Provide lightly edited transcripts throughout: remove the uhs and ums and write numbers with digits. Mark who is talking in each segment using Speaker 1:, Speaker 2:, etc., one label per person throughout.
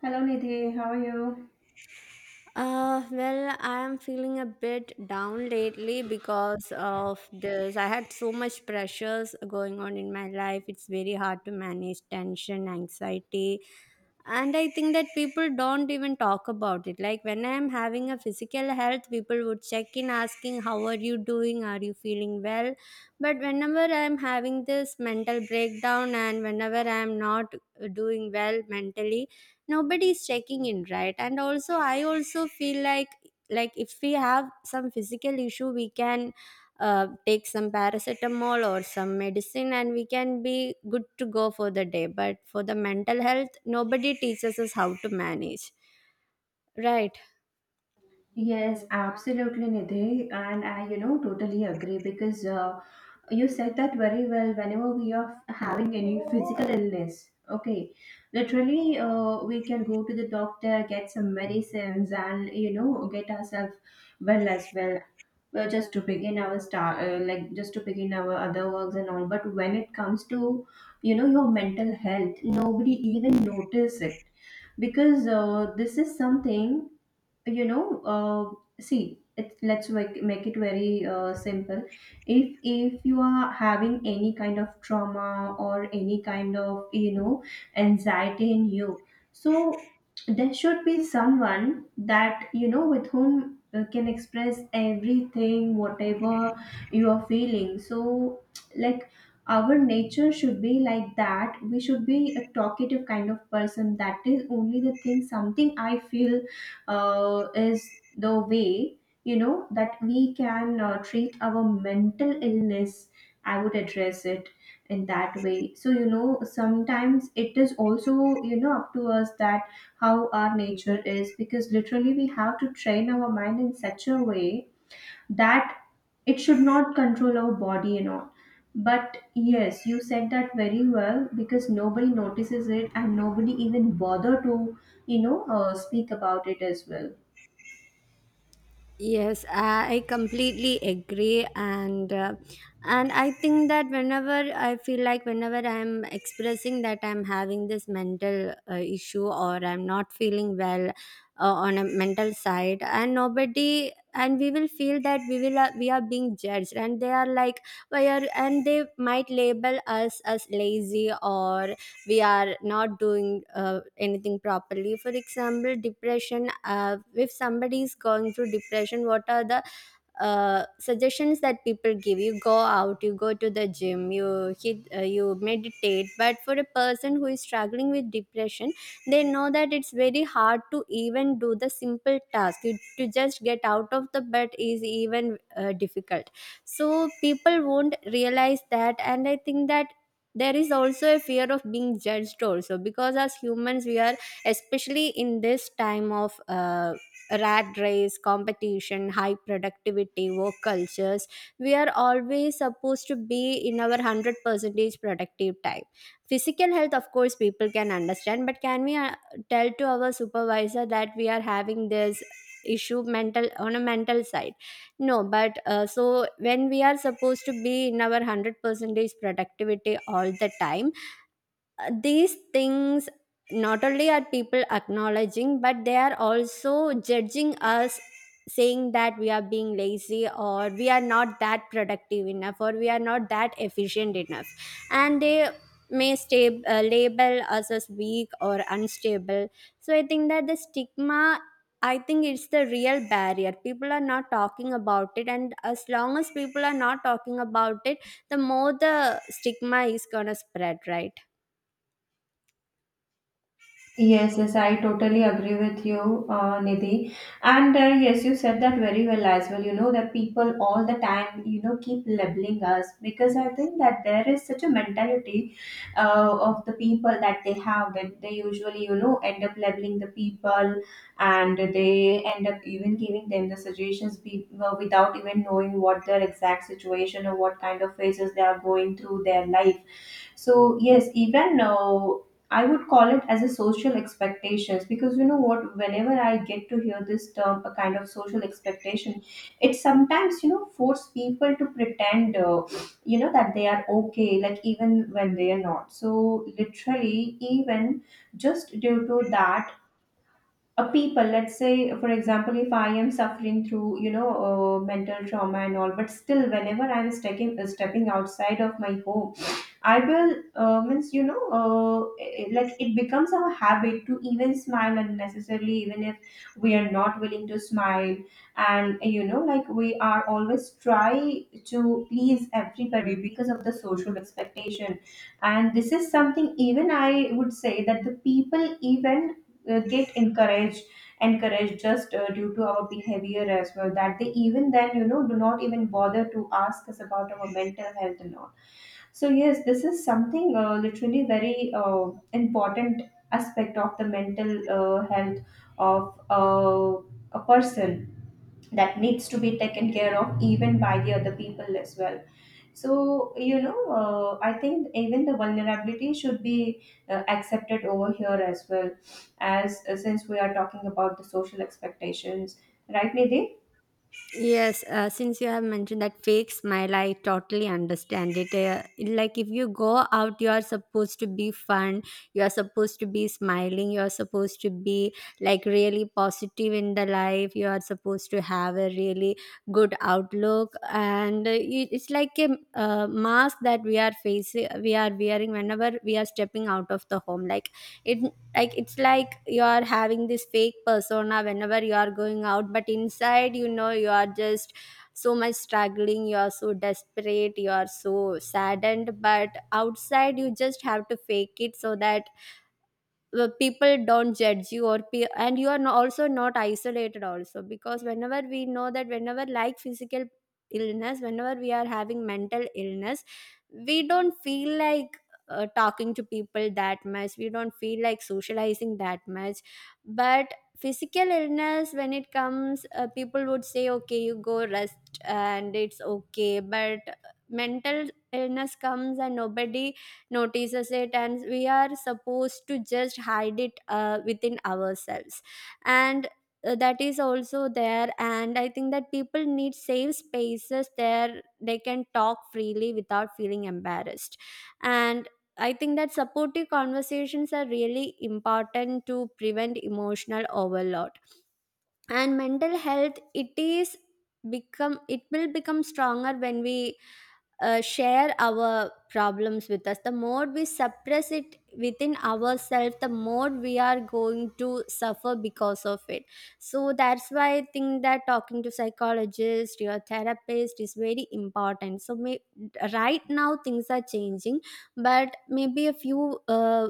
Speaker 1: Hello Nidhi, how are you?
Speaker 2: Well, I am feeling a bit down lately because of this. I had so much pressures going on in my life. It's very hard to manage tension, anxiety. And I think that people don't even talk about it. Like when I'm having a physical health, people would check in asking, how are you doing? Are you feeling well? But whenever I'm having this mental breakdown and whenever I'm not doing well mentally, nobody is checking in, right? And also, I also feel like if we have some physical issue, we can take some paracetamol or some medicine and we can be good to go for the day. But for the mental health, nobody teaches us how to manage, right?
Speaker 1: Yes, absolutely, Nidhi. And I, totally agree because you said that very well. Whenever we are having any physical illness, okay, literally, we can go to the doctor, get some medicines, and get ourselves well as well. Well, just to begin our start, like just to begin our other works and all. But when it comes to, your mental health, nobody even notice it because this is something, you know uh, see it, let's make it very simple. If you are having any kind of trauma or any kind of anxiety in you, so there should be someone that, with whom can express everything whatever you are feeling. So, like, our nature should be like that, we should be a talkative kind of person. That is only the thing something I feel is the way, that we can treat our mental illness. I would address it in that way. So, sometimes it is also, up to us that how our nature is, because literally we have to train our mind in such a way that it should not control our body and all. But yes, you said that very well because nobody notices it and nobody even bother to speak about it as well.
Speaker 2: Yes, I completely agree, and I think that whenever I feel like whenever I'm expressing that I'm having this mental issue, or I'm not feeling well on a mental side, and nobody and we will feel that we are being judged, and they are like why are and they might label us as lazy or we are not doing anything properly. For example, depression, if somebody is going through depression, what are the suggestions that people give? You go out, you go to the gym, you hit, you meditate. But for a person who is struggling with depression, they know that it's very hard to even do the simple task. To just get out of the bed is even difficult. So people won't realize that. And I think that there is also a fear of being judged also, because as humans we are, especially in this time of rat race, competition, high productivity, work cultures. We are always supposed to be in our 100% productive type. Physical health, of course, people can understand, but can we tell to our supervisor that we are having this issue mental on a mental side? No. But so when we are supposed to be in our 100% productivity all the time, these things, not only are people acknowledging, but they are also judging us, saying that we are being lazy, or we are not that productive enough, or we are not that efficient enough, and they may label us as weak or unstable. So I think that the stigma, I think it's the real barrier. People are not talking about it, and as long as people are not talking about it, the more the stigma is going to spread, right?
Speaker 1: Yes, yes, I totally agree with you, Nidhi. And yes, you said that very well as well. You know that people, all the time, keep labeling us, because I think that there is such a mentality of the people that they have, that they usually, end up labeling the people, and they end up even giving them the suggestions, well, without even knowing what their exact situation or what kind of phases they are going through their life. So yes, even now I would call it as a social expectations, because you know what, whenever I get to hear this term, a kind of social expectation, it sometimes, force people to pretend, that they are okay, like, even when they are not. So literally, even just due to that. A people, let's say, for example, if I am suffering through, mental trauma and all, but still, whenever I'm stepping outside of my home, I will means you know eh, eh, like it becomes our habit to even smile unnecessarily, even if we are not willing to smile. And, like, we are always try to please everybody because of the social expectation. And this is something even I would say that the people even get encouraged just due to our behavior as well, that they even then, do not even bother to ask us about our mental health and all. So yes, this is something literally very important aspect of the mental health of a person, that needs to be taken care of even by the other people as well. So, I think even the vulnerability should be accepted over here as well, as, since we are talking about the social expectations, right, Nidhi?
Speaker 2: Yes, since you have mentioned that fake smile, I totally understand it. Like if you go out, you are supposed to be fun. You are supposed to be smiling. You are supposed to be like really positive in the life. You are supposed to have a really good outlook, and it's like a mask that we are facing. We are wearing whenever we are stepping out of the home. It like it's like you are having this fake persona whenever you are going out, but inside, you know, you are just so much struggling, you are so desperate, you are so saddened, but outside you just have to fake it so that the people don't judge you, and you are also not isolated also, because whenever we know that whenever like physical illness, whenever we are having mental illness, we don't feel like talking to people that much, we don't feel like socializing that much. But physical illness, when it comes, people would say, okay, you go rest and it's okay. But mental illness comes and nobody notices it, and we are supposed to just hide it within ourselves. And that is also there. And I think that people need safe spaces there they can talk freely without feeling embarrassed. And I think that supportive conversations are really important to prevent emotional overload. And mental health, it is become it will become stronger when we share our problems with us. The more we suppress it within ourselves, the more we are going to suffer because of it. So that's why I think that talking to psychologist, your therapist, is very important. So right now things are changing, but maybe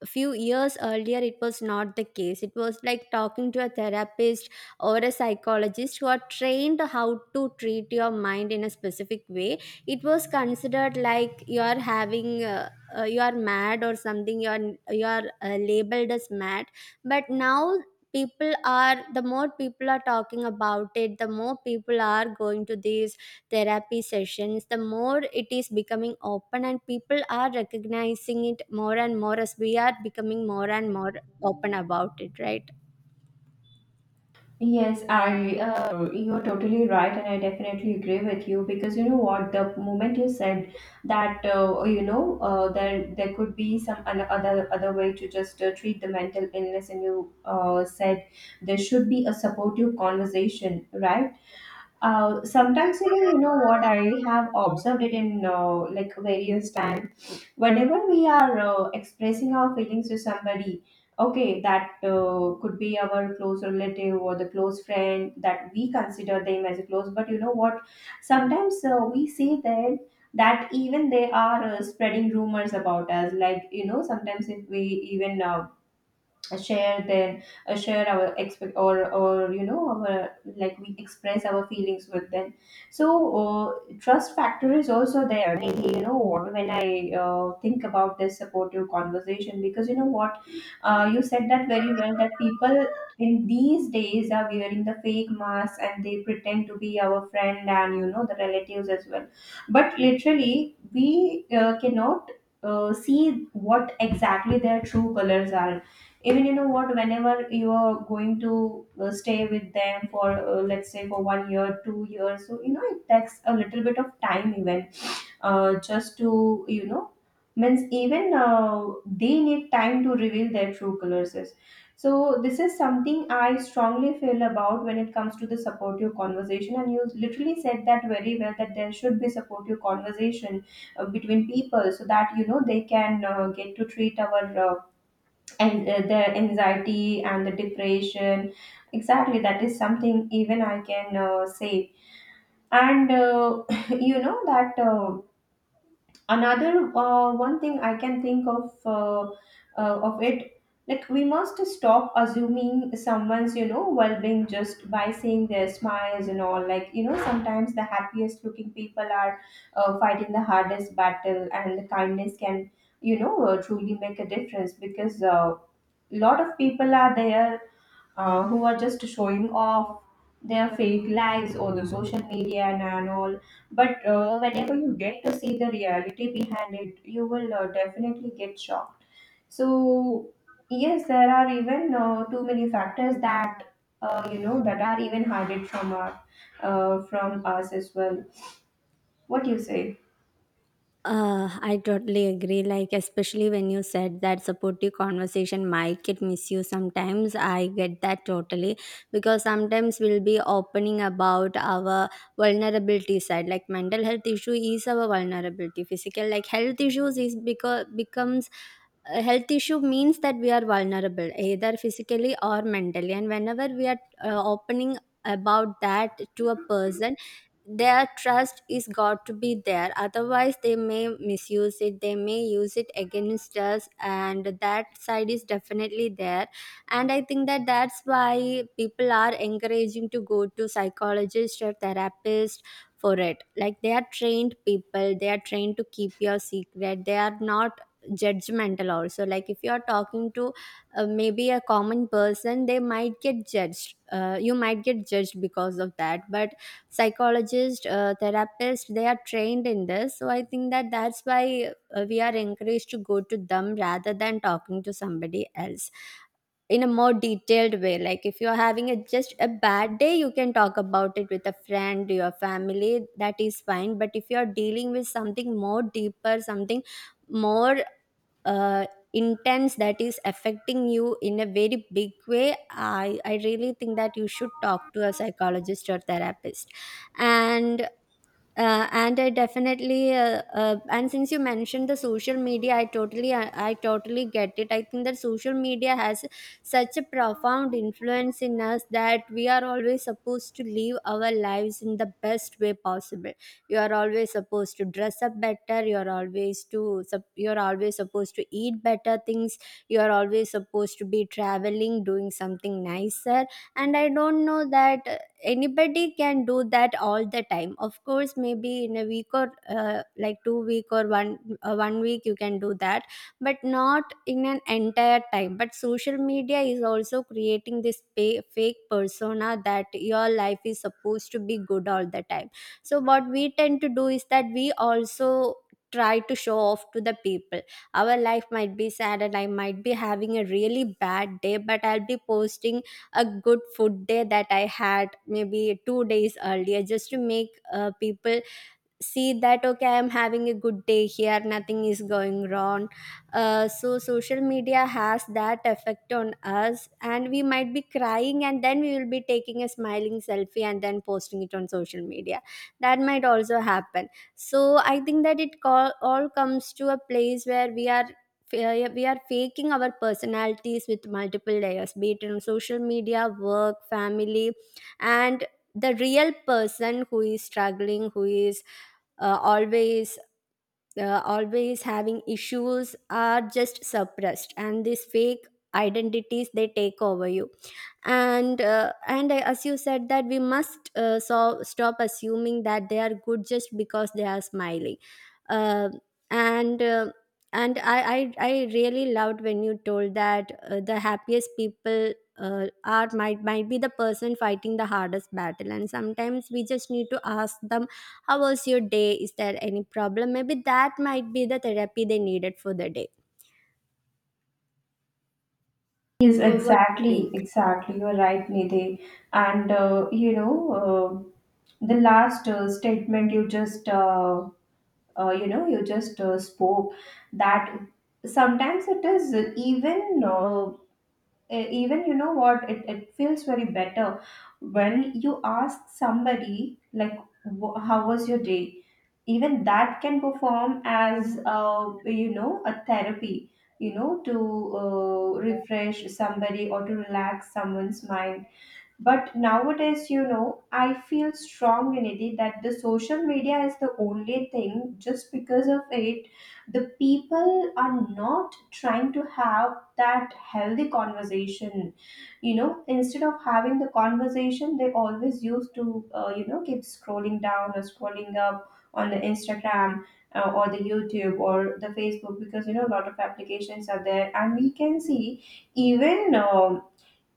Speaker 2: a few years earlier it was not the case. It was like talking to a therapist or a psychologist who are trained how to treat your mind in a specific way, it was considered like you are having you are mad or something. You are labeled as mad. But now, people are the more people are talking about it, the more people are going to these therapy sessions, the more it is becoming open, and people are recognizing it more and more as we are becoming more and more open about it, right?
Speaker 1: Yes, I you're totally right, and I definitely agree with you, because you know what, the moment you said that, there could be some other way to just treat the mental illness, and you said there should be a supportive conversation, right? Sometimes even, you know what, I have observed it in, like, various time. Whenever we are expressing our feelings to somebody, okay, that could be our close relative or the close friend that we consider them as a close. But you know what? Sometimes we see that even they are spreading rumors about us. Like, sometimes if we even, share our expect or you know our like, we express our feelings with them. So, trust factor is also there. And you know what, when I think about this supportive conversation, because you know what, you said that very well that people in these days are wearing the fake masks and they pretend to be our friend, and the relatives as well. But literally we cannot see what exactly their true colors are. Even you know what, whenever you are going to stay with them for, let's say, for 1 year, 2 years, so it takes a little bit of time. Even just to you know means even they need time to reveal their true colors. So this is something I strongly feel about when it comes to the supportive conversation. And you literally said that very well, that there should be supportive conversation between people, so that they can get to treat our, uh, and the anxiety and the depression. Exactly, that is something even I can say. And that another, one thing I can think of it, like, we must stop assuming someone's, well-being, just by seeing their smiles and all. Like, sometimes the happiest looking people are fighting the hardest battle, and the kindness can, truly make a difference. Because lot of people are there who are just showing off their fake lives or the social media, and all. But whenever you get to see the reality behind it, you will definitely get shocked. So yes, there are even too many factors that, that are even hidden from our from us as well. What do you say?
Speaker 2: I totally agree. Like, especially when you said that supportive conversation might get misused sometimes, I get that totally. Because sometimes we'll be opening about our vulnerability side. Like, mental health issue is our vulnerability. Physical, like, health issues is because becomes a health issue means that we are vulnerable either physically or mentally. And whenever we are opening about that to a person, their trust is got to be there, otherwise they may misuse it, they may use it against us, and that side is definitely there. And I think that that's why people are encouraging to go to psychologist or therapist for it. Like, they are trained people, they are trained to keep your secret, they are not judgmental also. Like, if you are talking to maybe a common person, they might get judged, you might get judged because of that. But psychologist, therapist, they are trained in this. So I think that that's why we are encouraged to go to them rather than talking to somebody else in a more detailed way. Like, if you're having a just a bad day, you can talk about it with a friend, your family, that is fine. But if you're dealing with something more deeper, something more uh, intense, that is affecting you in a very big way, I really think that you should talk to a psychologist or therapist. And I definitely and since you mentioned the social media, I totally I totally get it. I think that social media has such a profound influence in us that we are always supposed to live our lives in the best way possible. You are always supposed to dress up better. You are always supposed to eat better things. You are always supposed to be traveling, doing something nicer. And I don't know that anybody can do that all the time. Of course, maybe in a week or like 2 week or 1 week you can do that, but not in an entire time. But social media is also creating this fake persona that your life is supposed to be good all the time. So what we tend to do is that we also try to show off to the people. Our life might be sad and I might be having a really bad day, but I'll be posting a good food day that I had maybe 2 days earlier, just to make people see that, okay, I am having a good day here, nothing is going wrong. So social media has that effect on us, and we might be crying and then we will be taking a smiling selfie and then posting it on social media. That might also happen. So I think that all comes to a place where we are we are faking our personalities with multiple layers, be it on social media, work, family. And the real person who is struggling, who is uh, always always having issues, are just suppressed, and these fake identities, they take over you. And I, as you said, that we must stop assuming that they are good just because they are smiling. Uh, and uh, and I really loved when you told that the happiest people are might be the person fighting the hardest battle, and sometimes we just need to ask them, how was your day, is there any problem? Maybe that might be the therapy they needed for the day.
Speaker 1: Yes,
Speaker 2: What do you
Speaker 1: exactly,
Speaker 2: think?
Speaker 1: exactly. You're right, Nidhi. And the last statement you just, you know, you just spoke, that sometimes it is even, uh, even, you know what, it feels very better when you ask somebody like, "How was your day?" Even that can perform as, a therapy, to refresh somebody or to relax someone's mind. But nowadays, I feel strongly, Nidhi, that the social media is the only thing. Just because of it, the people are not trying to have that healthy conversation. Instead of having the conversation, they always used to, keep scrolling down or scrolling up on the Instagram, or the YouTube or the Facebook, because a lot of applications are there, and we can see even.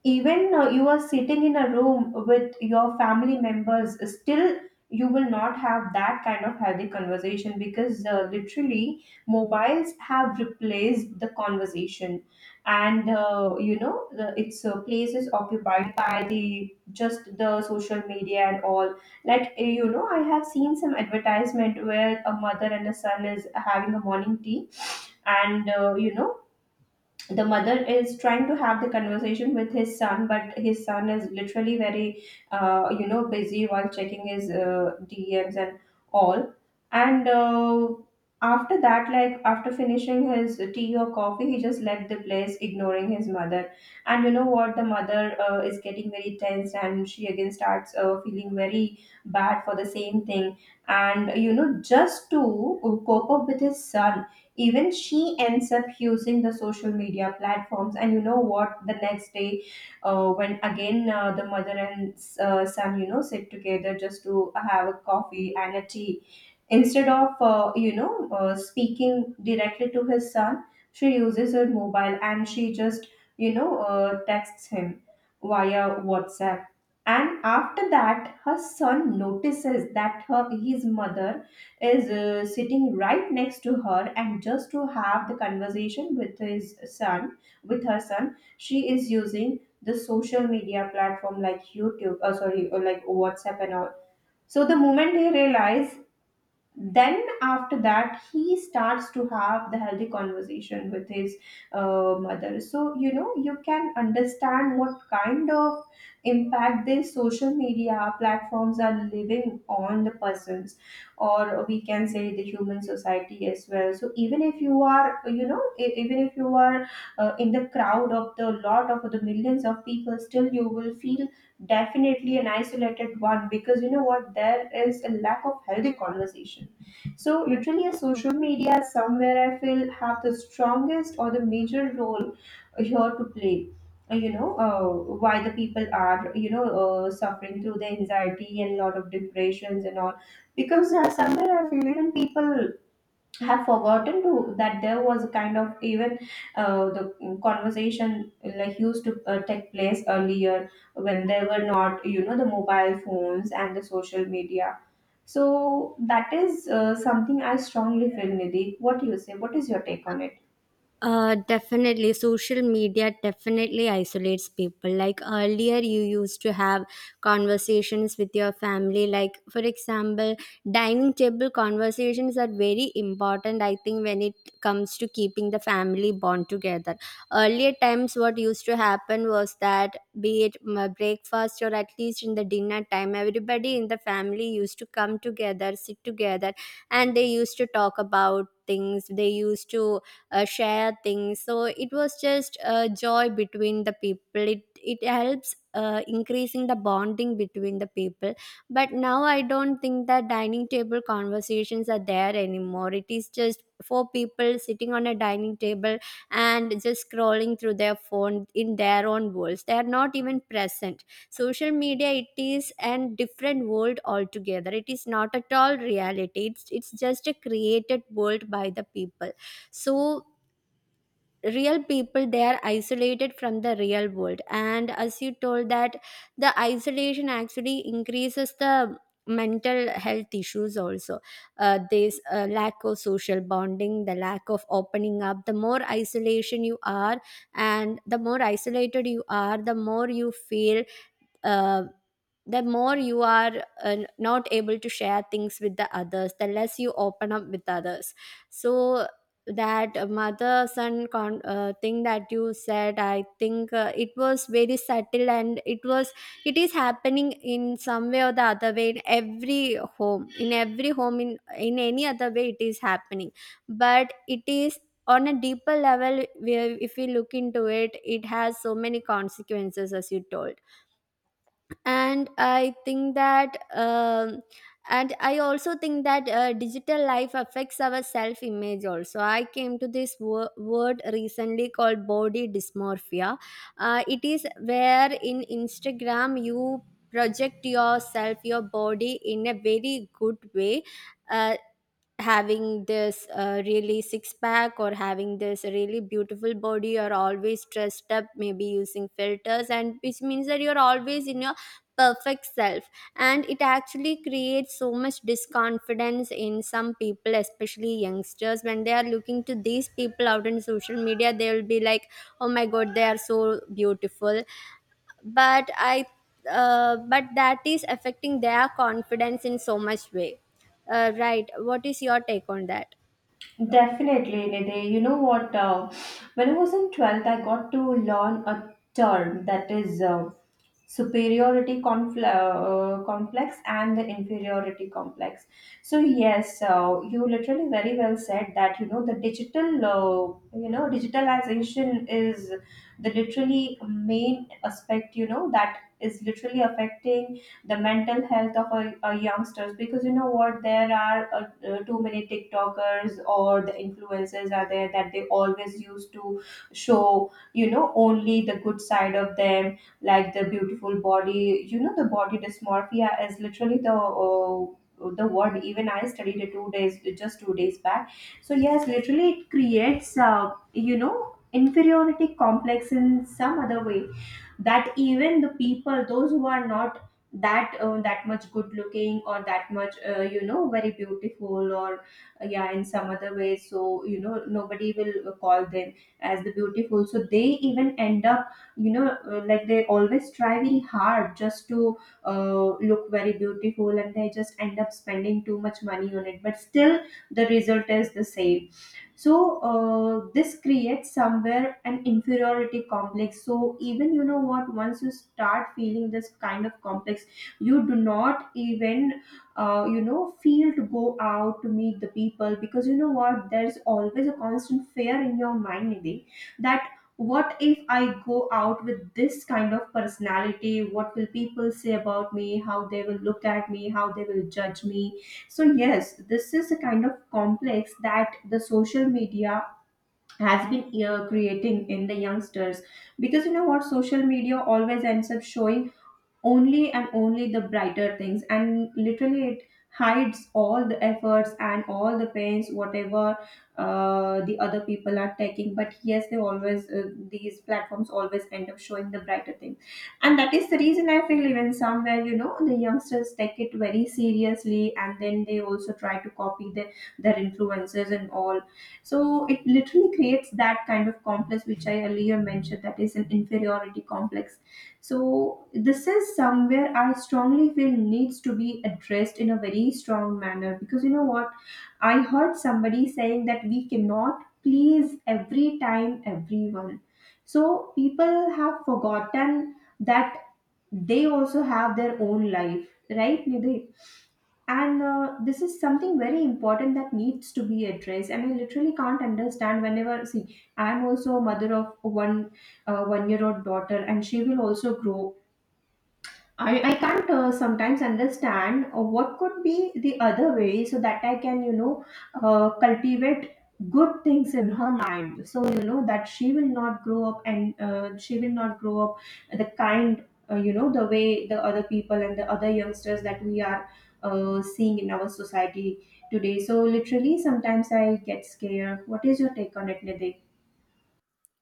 Speaker 1: Even you are sitting in a room with your family members, still you will not have that kind of healthy conversation, because literally mobiles have replaced the conversation. And its place is occupied by the just the social media and all. Like, I have seen some advertisement where a mother and a son is having a morning tea. And, the mother is trying to have the conversation with his son, but his son is literally very busy while checking his DMs and all. And after that, like, after finishing his tea or coffee, he just left the place, ignoring his mother. And you know what, the mother is getting very tense, and she again starts feeling very bad for the same thing. And, just to cope up with his son, even she ends up using the social media platforms. And you know what, the next day, when again the mother and, son, sit together just to have a coffee and a tea. Instead of, speaking directly to his son, she uses her mobile, and she just, texts him via WhatsApp. And after that, her son notices that her his mother is sitting right next to her, and just to have the conversation with his son, with her son, she is using the social media platform like YouTube, or, sorry, or like WhatsApp and all. So the moment they realize, then after that he starts to have the healthy conversation with his mother. So you know, you can understand what kind of impact these social media platforms are living on the persons, or we can say the human society as well. So even if you are, you know, even if you are in the crowd of the lot of the millions of people, still you will feel definitely an isolated one, because you know what, there is a lack of healthy conversation. So literally, a social media somewhere I feel have the strongest or the major role here to play. You know, why the people are, you know, suffering through the anxiety and lot of depressions and all, because somewhere I feel even people have forgotten to that there was a kind of even the conversation like used to take place earlier, when there were not, you know, the mobile phones and the social media. So that is something I strongly feel. Nidhi, what do you say, what is your take on it?
Speaker 2: Definitely, social media definitely isolates people. Like earlier, you used to have conversations with your family. Like, for example, dining table conversations are very important, I think, when it comes to keeping the family bond together. Earlier times, what used to happen was that, be it breakfast or at least in the dinner time, everybody in the family used to come together, sit together, and they used to talk about things they used to share things. So it was just a joy between the people. It helps, increasing the bonding between the people. But now I don't think that dining table conversations are there anymore. It is just four people sitting on a dining table and just scrolling through their phone in their own worlds. They are not even present. Social media, it is and different world altogether. It is not at all reality. It's just a created world by the people. So real people, they are isolated from the real world. And as you told that the isolation actually increases the mental health issues also, this lack of social bonding, the lack of opening up, the more isolation you are, and the more isolated you are, the more you feel uh, the more you are not able to share things with the others, the less you open up with others. So that mother son thing that you said, I think it was very subtle, and it was, it is happening in some way or the other way in every home, in every home, in any other way it is happening. But it is on a deeper level where if we look into it, it has so many consequences, as you told. And I think that and I also think that digital life affects our self image also. I came to this word recently called body dysmorphia. It is where in Instagram you project yourself, your body, in a very good way, uh, having this really six pack or having this really beautiful body or always dressed up, maybe using filters, and which means that you're always in your perfect self. And it actually creates so much disconfidence in some people, especially youngsters. When they are looking to these people out in social media, they will be like, oh my god, they are so beautiful. but i but that is affecting their confidence in so much way. Right, what is your take on that?
Speaker 1: Definitely, Nidhi. You know what? When I was in 12th, I got to learn a term that is superiority complex and the inferiority complex. So yes, you literally very well said that, you know, the digital, you know, digitalization is the literally main aspect. You know, that is literally affecting the mental health of a youngsters, because you know what, there are too many tiktokers or the influencers are there that they always used to show, you know, only the good side of them, like the beautiful body. You know, the body dysmorphia is literally the word, even I studied it 2 days, just 2 days back. So yes, literally it creates, you know, inferiority complex in some other way, that even the people those who are not that that much good looking or that much, you know, very beautiful or yeah, in some other way. So you know, nobody will call them as the beautiful, so they even end up, like, they always try very hard just to look very beautiful, and they just end up spending too much money on it, but still the result is the same. So this creates somewhere an inferiority complex. So even, you know what, once you start feeling this kind of complex, you do not even you know feel to go out to meet the people, because you know what, there's always a constant fear in your mind, Nidhi, that what if I go out with this kind of personality, what will people say about me, how they will look at me, how they will judge me. So yes, this is a kind of complex that the social media has been creating in the youngsters, because you know what, social media always ends up showing only and only the brighter things, and literally it hides all the efforts and all the pains, whatever the other people are taking. But yes, they always these platforms always end up showing the brighter things, and that is the reason I feel even somewhere, you know, the youngsters take it very seriously, and then they also try to copy their influences and all. So it literally creates that kind of complex which I earlier mentioned, that is an inferiority complex. So this is somewhere I strongly feel needs to be addressed in a very strong manner, because you know what, I heard somebody saying that we cannot please every time everyone. So people have forgotten that they also have their own life, right, Nidhi? And this is something very important that needs to be addressed. And I literally can't understand, whenever see, I'm also a mother of one 1 year old daughter, and she will also grow. I can't sometimes understand what could be the other way, so that I can, you know, cultivate good things in her mind. So you know, that she will not grow up, and she will not grow up the kind, you know, the way the other people and the other youngsters that we are seeing in our society today. So literally, sometimes I get scared. What is your take on it, Nidhi?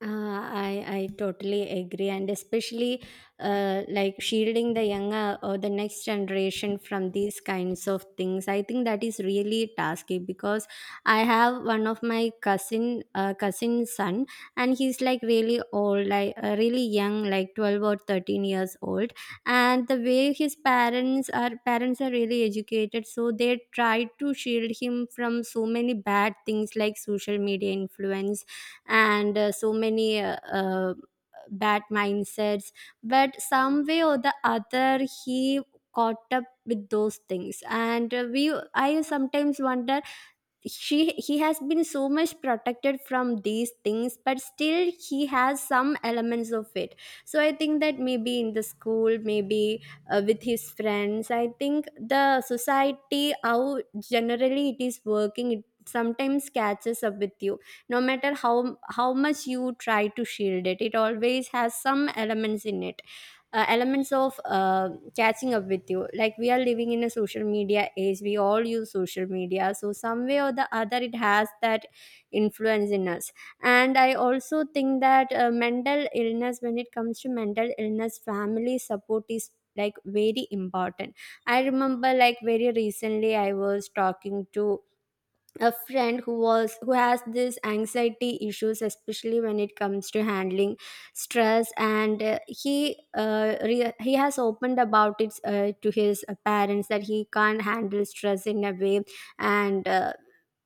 Speaker 2: Uh, I totally agree, and especially like shielding the younger or the next generation from these kinds of things. I think that is really tasky because I have one of my cousin cousin's son, and he's like really old, like really young, like 12 or 13 years old. And the way his parents are really educated, so they try to shield him from so many bad things like social media influence and so many bad mindsets. But some way or the other, he caught up with those things. And uh, we i sometimes wonder, she he has been so much protected from these things, but still he has some elements of it. So I think that maybe in the school, maybe with his friends, I think the society, how generally it is working, it sometimes catches up with you, no matter how much you try to shield it. It always has some elements in it, elements of catching up with you. Like, we are living in a social media age. We all use social media, so some way or the other, it has that influence in us. And I also think that mental illness, when it comes to mental illness, family support is like very important. I remember, like very recently, I was talking to a friend who has this anxiety issues, especially when it comes to handling stress. And he he has opened about it to his parents that he can't handle stress in a way. and uh,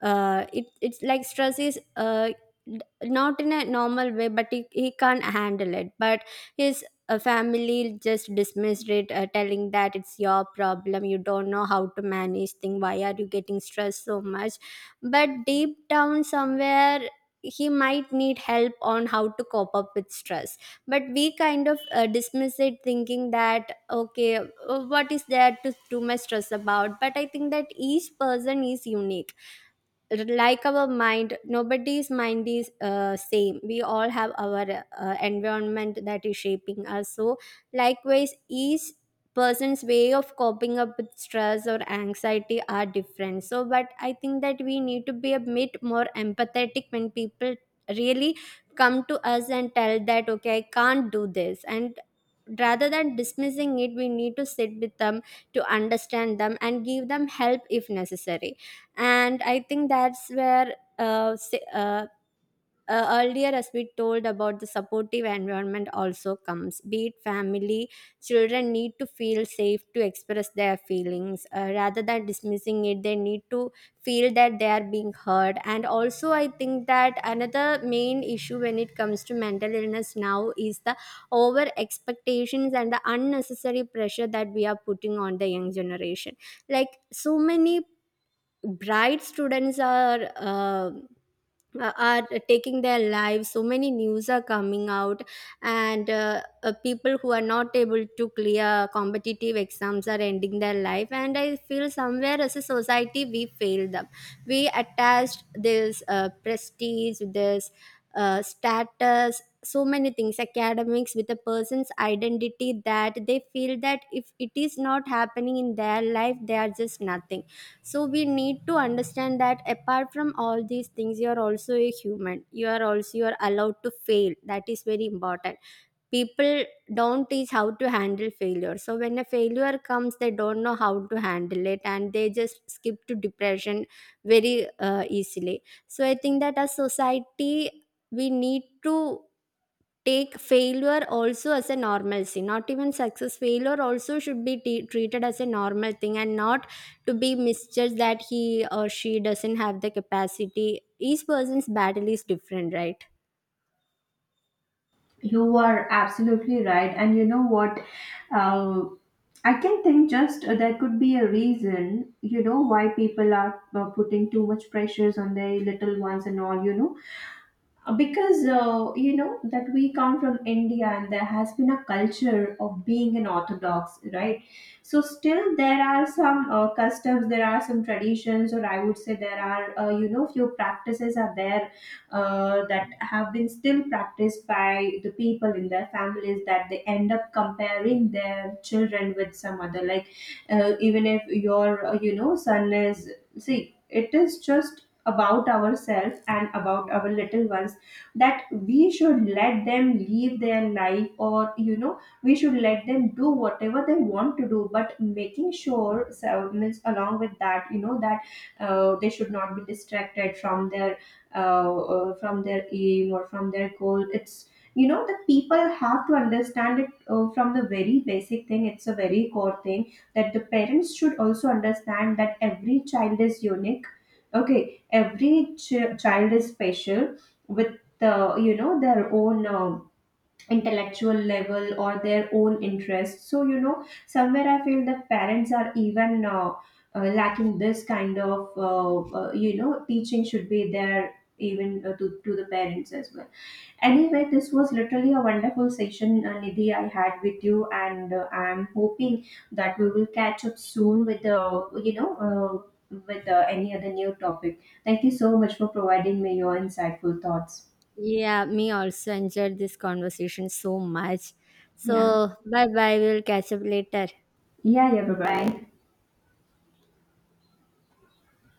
Speaker 2: uh, it it's like stress is not in a normal way, but he can't handle it. But his family just dismissed it, telling that it's your problem, you don't know how to manage things, why are you getting stressed so much. But deep down somewhere, he might need help on how to cope up with stress. But we kind of dismiss it, thinking that okay, what is there to too much stress about. But I think that each person is unique. Like, our mind, nobody's mind is same. We all have our environment that is shaping us. So likewise, each person's way of coping up with stress or anxiety are different. So but I think that we need to be a bit more empathetic when people really come to us and tell that okay, I can't do this, and rather than dismissing it, we need to sit with them to understand them and give them help if necessary. And I think that's where earlier, as we told, about the supportive environment also comes, be it family. Children need to feel safe to express their feelings. Rather than dismissing it, they need to feel that they are being heard. And also I think that another main issue when it comes to mental illness now is the over expectations and the unnecessary pressure that we are putting on the young generation. Like, so many bright students are are taking their lives. So many news are coming out, and people who are not able to clear competitive exams are ending their life. And I feel somewhere as a society we failed them. We attached this prestige, this status, so many things, academics, with a person's identity, that they feel that if it is not happening in their life, they are just nothing. So we need to understand that apart from all these things, you are also a human, you are also, you are allowed to fail. That is very important. People don't teach how to handle failure, so when a failure comes, they don't know how to handle it, and they just skip to depression very easily. So I think that as society, we need to take failure also as a normalcy, not even success, failure also should be treated as a normal thing and not to be misjudged that he or she doesn't have the capacity. Each person's battle is different, right?
Speaker 1: You are absolutely right. And you know what? Uh, I can think, just there could be a reason, you know, why people are putting too much pressures on their little ones and all, you know. Because you know, that we come from India, and there has been a culture of being an orthodox, right? So still there are some customs, there are some traditions, or I would say there are, you know, few practices are there, that have been still practiced by the people in their families, that they end up comparing their children with some other, like, even if your, you know, son is, see it is just about ourselves and about our little ones, that we should let them live their life, or you know, we should let them do whatever they want to do, but making sure, so means along with that, you know, that they should not be distracted from their aim or from their goal. It's, you know, the people have to understand it from the very basic thing. It's a very core thing, that the parents should also understand that every child is unique, okay? Every child is special with the, you know, their own intellectual level or their own interests. So you know, somewhere I feel that parents are even lacking this kind of you know, teaching should be there even to the parents as well. Anyway, this was literally a wonderful session, Nidhi, I had with you, and I'm hoping that we will catch up soon with, you know, with, any other new topic. Thank you so much for providing me your insightful thoughts.
Speaker 2: Yeah, me also enjoyed this conversation so much.
Speaker 1: Yeah.
Speaker 2: So bye bye, we'll catch up later.
Speaker 1: Yeah, yeah, bye bye.